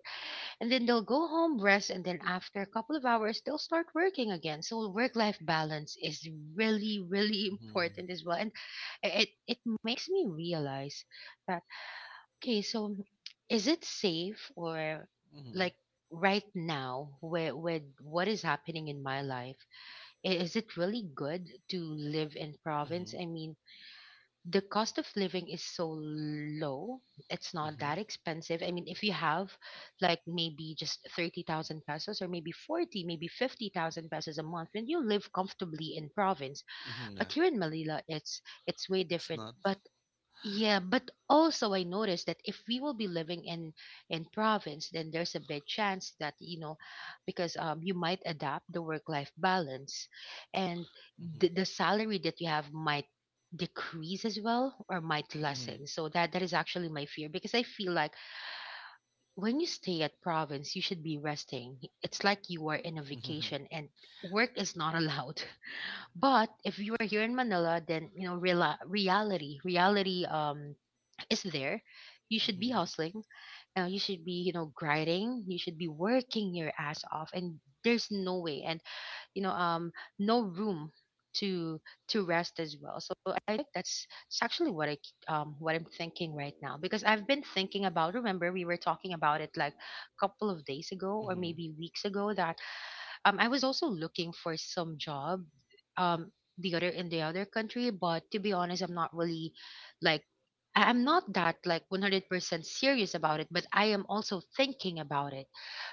and then they'll go home, rest, and then after a couple of hours, they'll start working again. So work life balance is really, really Mhm. important as well, and it makes me realize that okay, so is it safe, or Mhm. like right now with what is happening in my life, is it really good to live in province? Mhm. I mean, the cost of living is so low. It's not Mhm. that Mhm. expensive. I mean, if you have like maybe just 30,000 pesos, or maybe 40, maybe 50,000 pesos a month, then you live comfortably in province. Yeah, But here in Manila, it's way it's different. not. But yeah, but also I noticed that if we will be living in province, then there's a big chance that you know, because you might adapt the work life balance, and Mhm. the salary that you have might decrease as well, or might Mhm. lessen. So that is actually my fear because I feel like when you stay at province, you should be resting. It's like you are in a Mhm. Mhm. vacation, and work is not allowed. But if you are here in Manila, then you know, real reality is there, you should be Mhm. hustling. You should be, you know, grinding. You should be working your ass off, and there's no way, and you know, no room to to rest as well. So I think that's it's actually what I what I'm thinking right now, because I've been thinking about. Remember, we were talking about it like a couple of days ago, or Mhm. maybe weeks ago, that I was also looking for some job um the other in the other country, but to be honest, I'm not really like I'm not that like 100% serious about it, but I am also thinking about it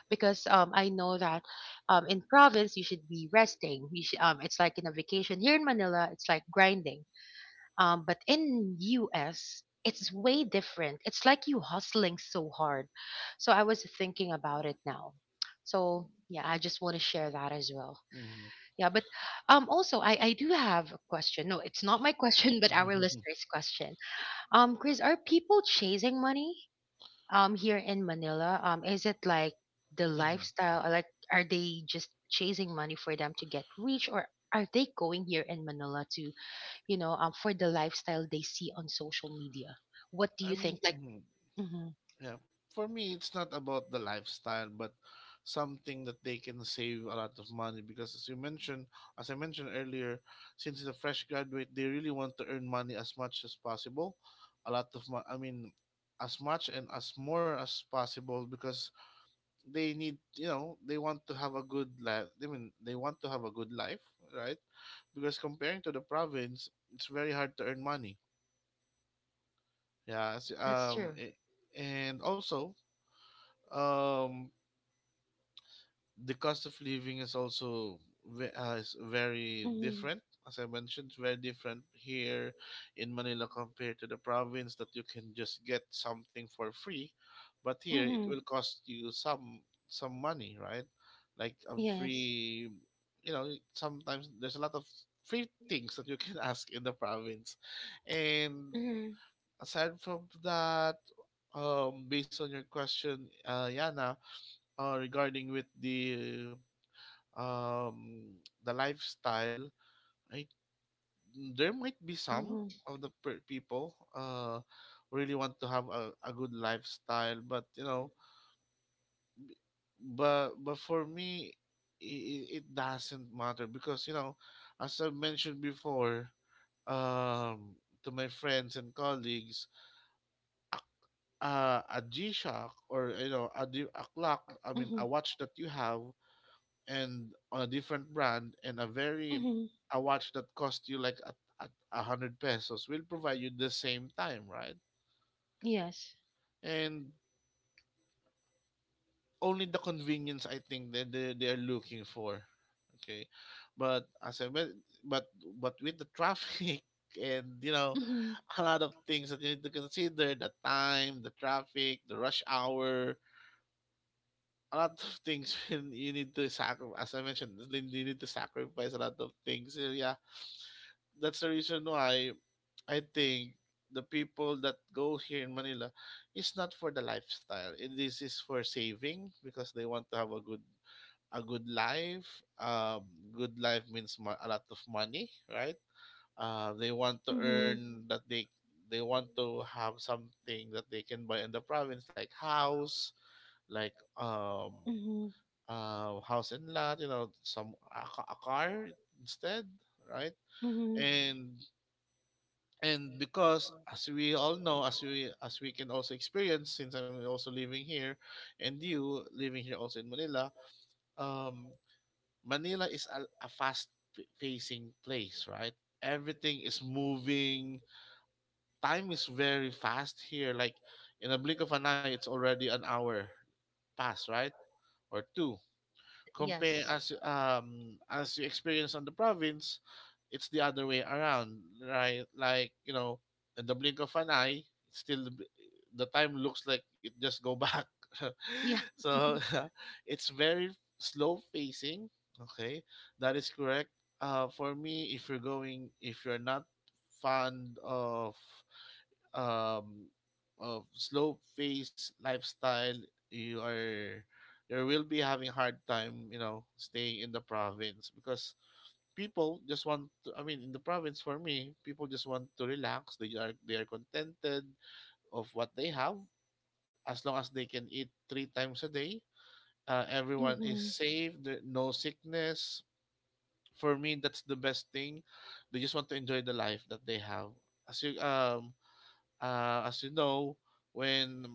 because I know that in province you should be resting, you should, it's like in a vacation. Here in Manila it's like grinding, but in US, it's way different. It's like you hustling so hard. So I was thinking about it now. So yeah, I just want to share that as well. Mhm. Yeah, but also I do have a question. No, it's not my question, but our Mhm. listeners' question. Chris, are people chasing money here in Manila? Is it like the Mhm. lifestyle? Or like, are they just chasing money for them to get rich, or are they going here in Manila to, you know, for the lifestyle they see on social media? What do you I think? mean. Like, Mhm. mhm, Yeah. For me, it's not about the lifestyle, but something that they can save a lot of money, because, as I mentioned earlier, since it's a fresh graduate, they really want to earn money as much as possible. A lot of mo- I mean, as much and as more as possible, because they need, they want to have a good life. I mean, they want to have a good life, right? Because comparing to the province, it's very hard to earn money. Yeah, that's true. And also, um the cost of living is also, is very Hmm. different. As I mentioned, it's very different here in Manila compared to the province, that you can just get something for free, but here it Hmm. will cost you some, money, right? Like a Yes. free, sometimes there's a lot of free things that you can ask in the province. And Hmm. aside from that, based on your question, Yana, regarding with the, um, lifestyle, I, there might be some Hmm. of the, people, who really want to have a good lifestyle, but you know, but for me, it doesn't matter, because you know, as I mentioned before, um, to my friends and colleagues, a G Shock, or you know a, a clock, I mean, Hmm. a watch that you have and on a different brand, and a very, Hmm. a watch that cost you like, a, 100 pesos will provide you the same time, right? Yes. And only the convenience I think that, they are looking for. Okay, but as I men- but with the traffic, and, Hmm. a lot of things that you need to consider: the time, the traffic, the rush hour, a lot of things, when you need to sacrifice, as I mentioned, you need to sacrifice a lot of things. So yeah, that's the reason why I think the people that go here in Manila is not for the lifestyle, this is for saving, because they want to have a good, life. Um good life means, a lot of money, right? They want to Hmm. earn, that they want to have something that they can buy in the province, like house, like, Hmm. House and lot, you know, some, a car instead, right? Hmm. And and because as we all know, as we, can also experience, since I'm also living here, and you living here also in Manila, um, Manila is a fast, facing place, right? Everything is moving. Time is very fast here. Like in a blink of an eye, it's already an hour past, right? Or two, compare, Yes. As you experience on the province, it's the other way around, right? Like, in the blink of an eye, it's still the, time looks like it just go back. Yeah. So it's very slow facing. Okay, that is correct. For me, if you're not fond of, um, of slow pace lifestyle, you are, you will be having hard time, you know, staying in the province, because people just want to, I mean, in the province, for me, people just want to relax. They are contented of what they have, as long as they can eat three times a day. Everyone is Hmm. safe, there, no sickness. For me that's the best thing. They just want to enjoy the life that they have. As you um as you know, when,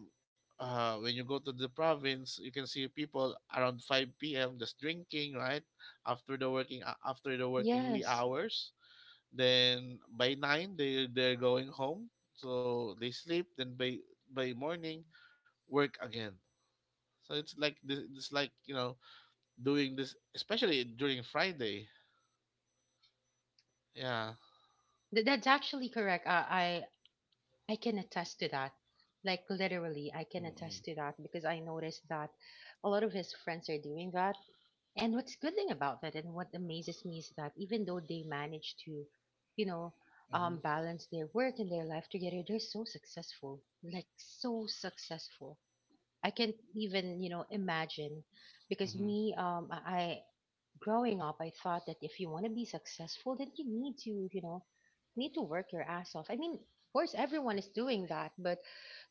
when you go to the province, you can see people around 5 p.m. just drinking, right? After the working wee Yes. hours, then by 9 they, they're going home, so they sleep. Then by, morning, work again. So it's like this, it's like, doing this, especially during Friday. Yeah. That's actually correct. I can attest to that. Like literally, I can Mm-mm. attest to that because I noticed that a lot of his friends are doing that. And what's good thing about that, and what amazes me is that even though they manage to, you know, Mhm. Balance their work and their life together, they're so successful, like so successful. I can't even, you know, imagine, because Mhm. me, growing up, I thought that if you want to be successful, then you need to, you know, need to work your ass off. I mean, of course, everyone is doing that, but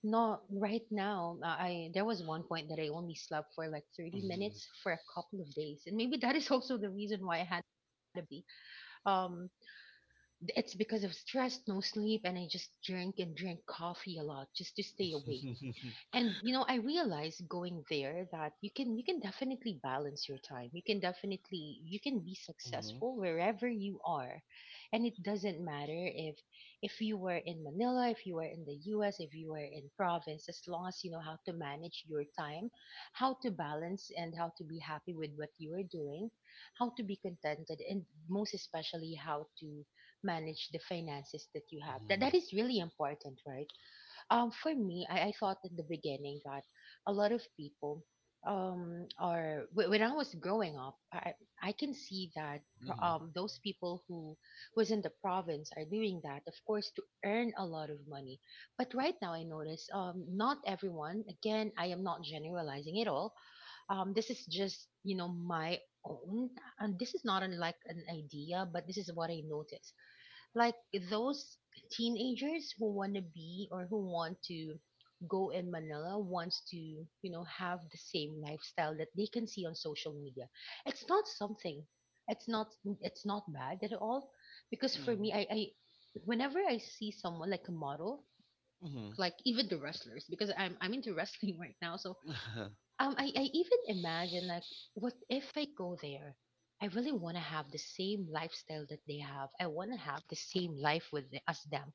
not right now. I There was one point that I only slept for like 30 Mhm. minutes for a couple of days, and maybe that is also the reason why I had a baby. Um, it's because of stress, no sleep, and I just drink and drink coffee a lot just to stay awake. And you know, I realized going there that you can, you can definitely balance your time, you can definitely, you can be Mhm. successful wherever you are, and it doesn't matter if you were in Manila, if you were in the US, if you were in province, as long as you know how to manage your time, how to balance, and how to be happy with what you are doing, how to be contented, and most especially how to manage the finances that you have. That Mhm. that is really important, right? For me, I thought in the beginning that a lot of people when I was growing up, I can see that Mhm. Those people who was in the province are doing that, of course, to earn a lot of money. But right now, I notice not everyone. Again, I am not generalizing at all. This is just you know my own, and this is not unlike an idea, but this is what I noticed, like those teenagers who want to be or who want to go in Manila wants to, you know, have the same lifestyle that they can see on social media. It's not something. It's not, it's not bad at all because for Mhm. me, I whenever I see someone like a model, Mhm. like even the wrestlers, because I'm into wrestling right now. So I even imagine like, what if I go there? I really want to have the same lifestyle that they have. I want to have the same life with the, as them.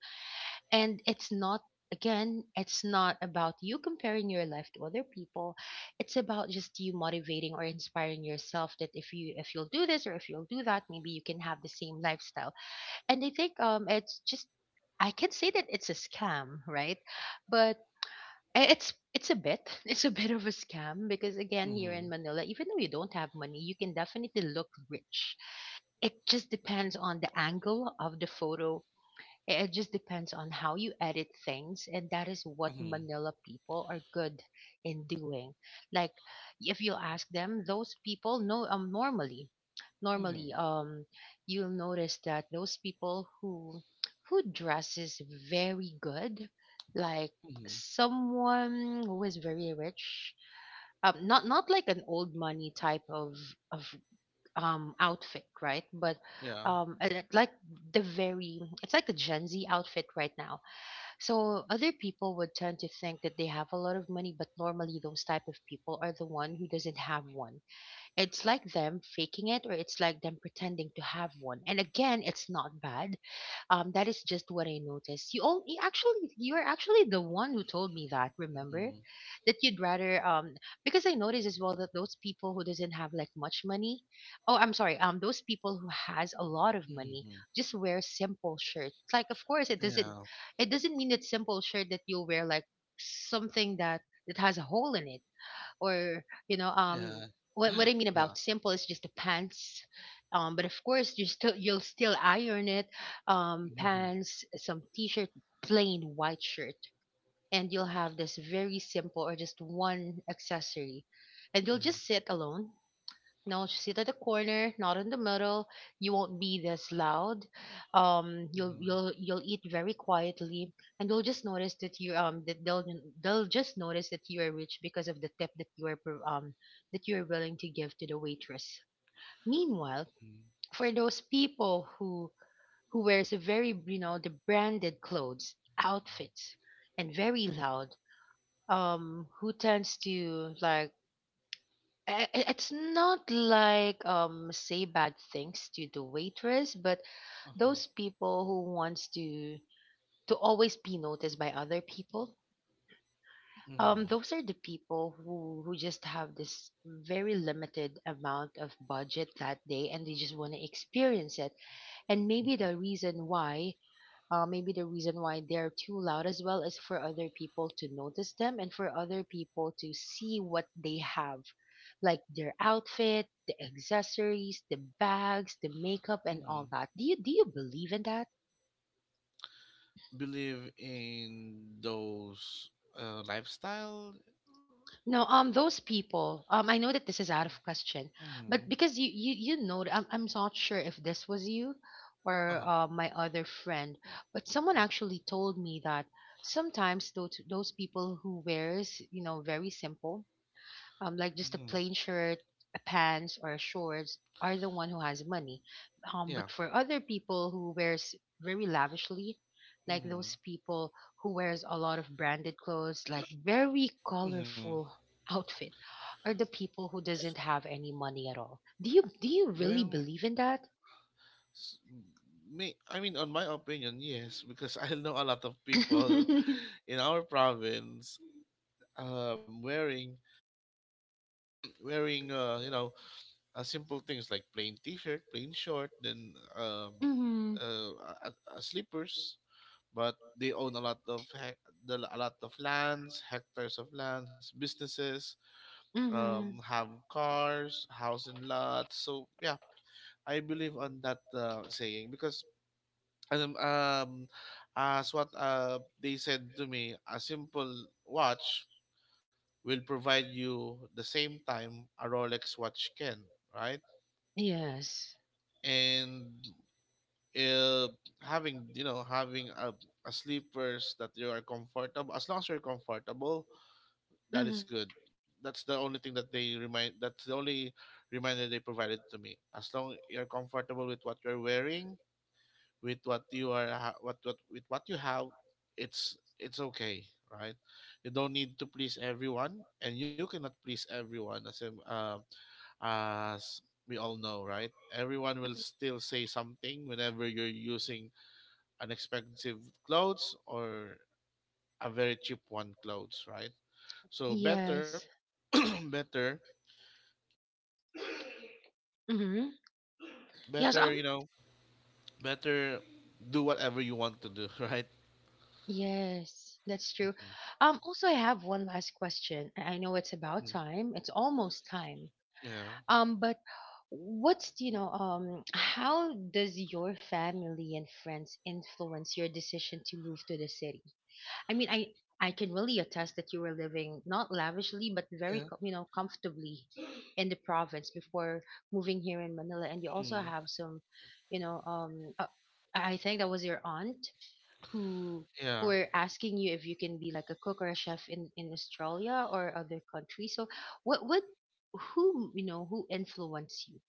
And it's not, again, it's not about you comparing your life to other people. It's about just you motivating or inspiring yourself that if you, if you'll do this, or if you'll do that, maybe you can have the same lifestyle. And I think it's just I can say that it's a scam, right? But It's it's a bit it's a bit of a scam because again, here Mhm. in Manila, even though you don't have money, you can definitely look rich. It just depends on the angle of the photo, it just depends on how you edit things, and that is what Mhm. Manila people are good in doing. Like, if you ask them, those people know, normally, Mhm. normally, you'll notice that those people who dresses very good, like Mhm. someone who is very rich, not like an old money type of of outfit, right? But Yeah. I like the very, it's like the gen Z outfit right now. So other people would tend to think that they have a lot of money, but normally those type of people are the one who doesn't have one. It's like them faking it, or it's like them pretending to have one, and again it's not bad. That is just what I noticed. You all, actually, you are actually the one who told me that. Remember, Mhm. that you'd rather because I noticed as well that those people who doesn't have like much money, oh I'm sorry, those people who has a lot of money Mhm. just wear simple shirts. Like of course it doesn't, Yeah. it doesn't mean that simple shirt that you wear, like something that has a hole in it, or you know, Yeah. What what I mean Uh Huh. about simple is just the pants. But of course you still, you'll still iron it, Mhm. pants, some t-shirt, plain white shirt, and you'll have this very simple or just one accessory, and you'll Mhm. just sit alone, no, just sit at the corner, not in the middle. You won't be this loud. You'll Mhm. you'll you'll eat very quietly, and they'll just notice that you, that they'll just notice that you are rich because of the tip that you are that you are willing to give to the waitress. Meanwhile, Mhm. for those people who wears a, very, you know, the branded clothes, outfits, and very loud, who tends to like, it's not like say bad things to the waitress, but Uh-huh. those people who wants to always be noticed by other people, Mhm. those are the people who just have this very limited amount of budget that day and they just want to experience it. And maybe Mhm. the reason why, maybe the reason why they're too loud as well, is for other people to notice them and for other people to see what they have, like their outfit, the accessories, the bags, the makeup, and all Mhm. that. Do you believe in that? Believe in those, lifestyle. No, those people, I know that this is out of question, but Mhm. because you know, I'm not sure if this was you, or Uh-huh. My other friend, but someone actually told me that sometimes those people who wears, you know, very simple, like just a Mhm. plain shirt, a pants, or shorts, are the one who has money. Yeah. But for other people who wears very lavishly, like those Mhm. people who wears a lot of branded clothes, like very Mhm. colorful outfit, are the people who doesn't have any money at all. Do you really Well, believe in that? s- me. I mean, on my opinion, yes, because I know a lot of people Mhm. in our province, wearing, you know, simple things like plain t-shirt, plain short, then, uh, slippers. But they own a lot of, hec- the a lot of lands, hectares of lands, businesses, Mhm. have cars, house and lots. So yeah, I believe on that, saying, because, um, um as what, they said to me, a simple watch will provide you the same time a Rolex watch can, right? Yes. And, uh, having, having a sleepers that you are comfortable, as long as you're comfortable, that is Mhm. good. That's the only thing that they remind. That's the only reminder they provided to me. As long you're comfortable with what you're wearing, with what you are, ha- what with what you have, it's okay, right? You don't need to please everyone, and you cannot please everyone. As we all know, right? Everyone will still say something whenever you're using an expensive clothes or a very cheap one clothes, right? So better, Yes. better, Mhm. Yes. better, you know, better do whatever you want to do, right? Yes, that's true. Mhm. Also, I have one last question. I know it's about Mm. time. It's almost time. Yeah, But what's, you know, how does your family and friends influence your decision to move to the city? I mean, I can really attest that you were living not lavishly, but very, yeah, you know, comfortably in the province before moving here in Manila, and you also mm, have some, you know, I think that was your aunt who yeah. Are asking you if you can be like a cook or a chef in Australia or other countries. So what who, you know, who influenced you?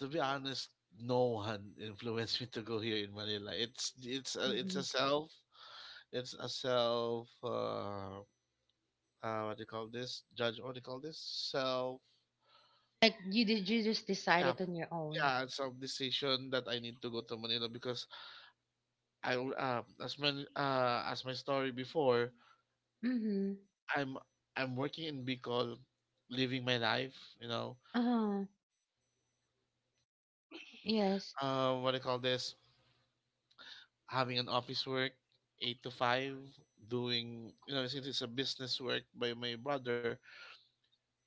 To be honest, no one influenced me to go here in Manila. It's a Hmm. self, it's a self. What do you call this judge what do you call this so Like, you, did you just decide yeah it on your own? yeah, some decision that I need to go to Manila because I al- as my story before, Mm-hmm. i'm I'm working in Bicol, living my life, you know Uh-huh. Yes. What do you call this having an office work, 8 to 5, doing, you know, since it's a business work by my brother.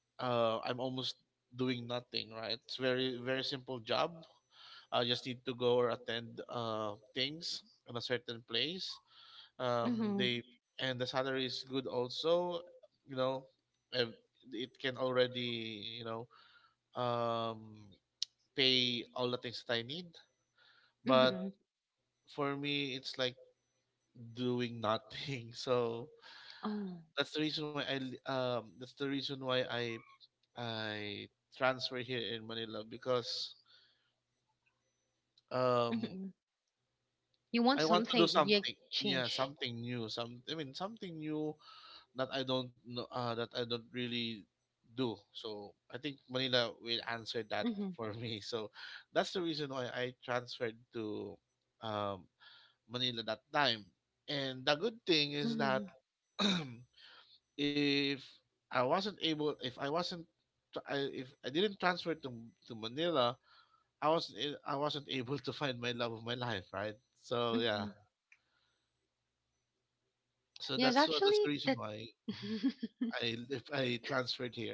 Uh, I'm almost doing nothing, right? It's very simple job. I just need to go or attend things in a certain place. Mm-hmm. They And the salary is good also. You know, ev- it can already, you know, um, pay all the things that I need. But Mm-hmm. for me, it's like doing nothing. So Oh. That's the reason why I transfer here in Manila because um Mm-hmm. You want I want to do something? You something. Yeah, change. something new. Something new that I don't know, that I don't really do. So I think Manila will answer that Mm-hmm. for me. So that's the reason why I transferred to um, Manila that time. And the good thing is that Mm-hmm. if I wasn't able, if I wasn't, tr- I- if I didn't transfer to Manila, I wasn't able to find my love of my life. Right. So yeah. Mm-hmm. So Yes, that's the actually, reason that why, mhm, I if I transferred here.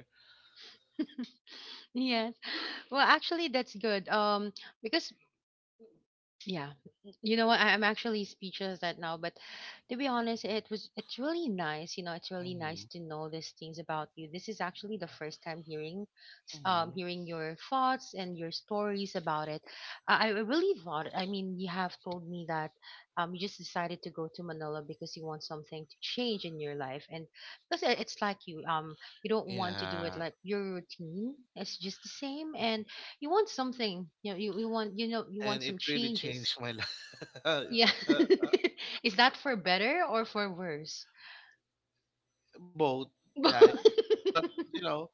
yes. Well, actually, that's good. Because yeah. You know what? I'm actually speechless right now, but to be honest, it's really nice. You know, it's really Hmm. nice to know these things about you. This is actually the first time hearing, Hmm. Hearing your thoughts and your stories about it. I really thought. I mean, you have told me that, you just decided to go to Manila because you want something to change in your life, and because it's like you, you don't want to do it Yeah. like your routine. It's just the same, Mhm. and you want something, you know, you want, you know, you And want it some really changes. changed my life. Yeah. Is that for better or for worse? Both. Yeah, it's but you know,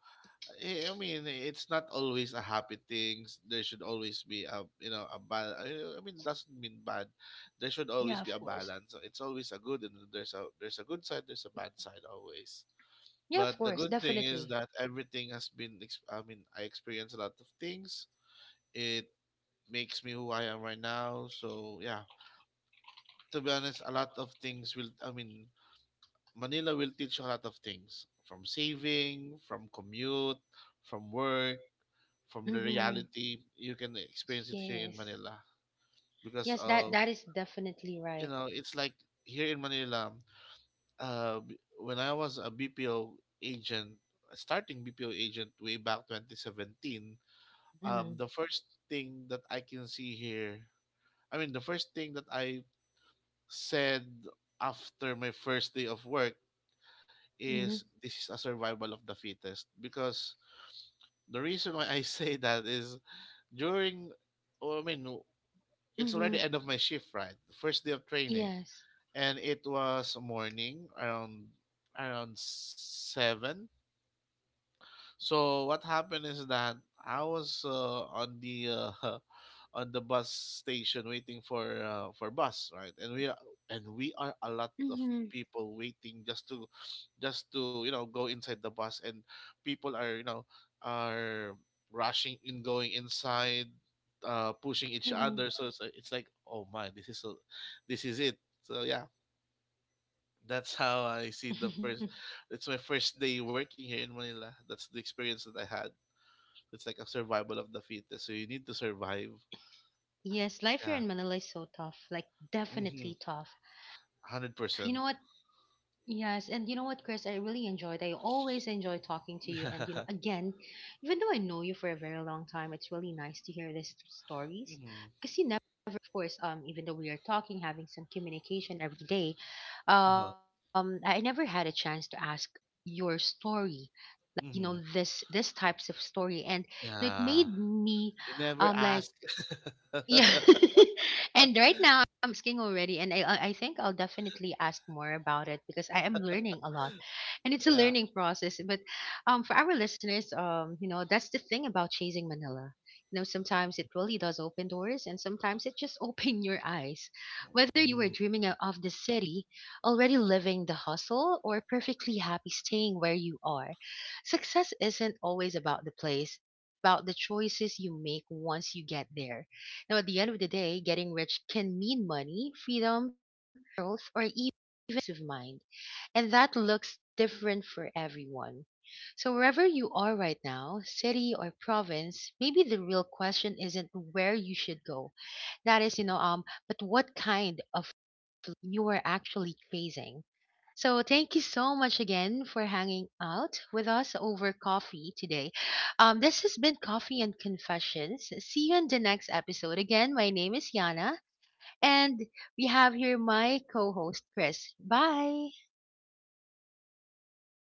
I mean, it's not always a happy thing. There should always be a, you know, a bal. I mean, doesn't mean bad. There should Yeah, always of be a course. balance. It's always a good and there's a good side. There's a bad side always. Yeah, of But the course, good thing is definitely. that everything has been, I experienced a lot of things. It makes me who I am right now. So, yeah, to be honest, a lot of things will, I mean, Manila will teach you a lot of things, from saving, from commute, from work, from the Mm-hmm. reality. You can experience it here in Yes. Manila because Yes, that of, that is definitely you right. know, it's like here in Manila, when I was a BPO agent, starting BPO agent way back 2017. Mm-hmm. The first thing that I can see here, I mean, the first thing that I said after my first day of work Mm-hmm. is this is a survival of the fittest. Because the reason why I say that is during, oh, I mean, it's Mm-hmm. already end of my shift, right? The first day of training, Yes. and it was morning around 7. So what happened is that I was on the on the bus station waiting for bus, right? And we Mm-hmm. are a lot of people waiting just to you know, go inside the bus, and people are, you know, are rushing in going inside, pushing each Mm-hmm. other. So it's like, oh my, this is it. So yeah, that's how I see the first. It's my first day working here in Manila. That's the experience that I had. It's like a survival of the fittest. So you need to survive. Yes, life here Yeah. in Manila is so tough, like Mm-hmm. definitely tough. You know 100%. what? Yes, and you know what, Chris, I really enjoyed. I always enjoy talking to you, and you know, again, even though I know you for a very long time, it's really nice to hear these stories, Mm-hmm. because you never, of course, even though we are talking, having some communication every day, Uh-huh. I never had a chance to ask your story, like you know, Mm-hmm. This types of story, and you know, it made Yeah. me, You never like ask. yeah. And right now I'm asking already, and I think I'll definitely ask more about it because I am learning a lot. And it's a Yeah. learning process, but um, for our listeners, um, you know, that's the thing about chasing Manila. You know, sometimes it really does open doors, and sometimes it just open your eyes. Whether you were Mhm. dreaming of the city, already living the hustle, or perfectly happy staying where you are, success isn't always about the place, about the choices you make once you get there. Now, at the end of the day, getting rich can mean money, freedom, growth, or even peace of mind. And that looks different for everyone. So, wherever you are right now, city or province, maybe the real question isn't where you should go. That is, you know, but what kind of you are actually chasing. So thank you so much again for hanging out with us over coffee today. This has been Coffee and Confessions. See you in the next episode. Again, my name is Yana, and we have here my co-host Chris. Bye. Bye, guys.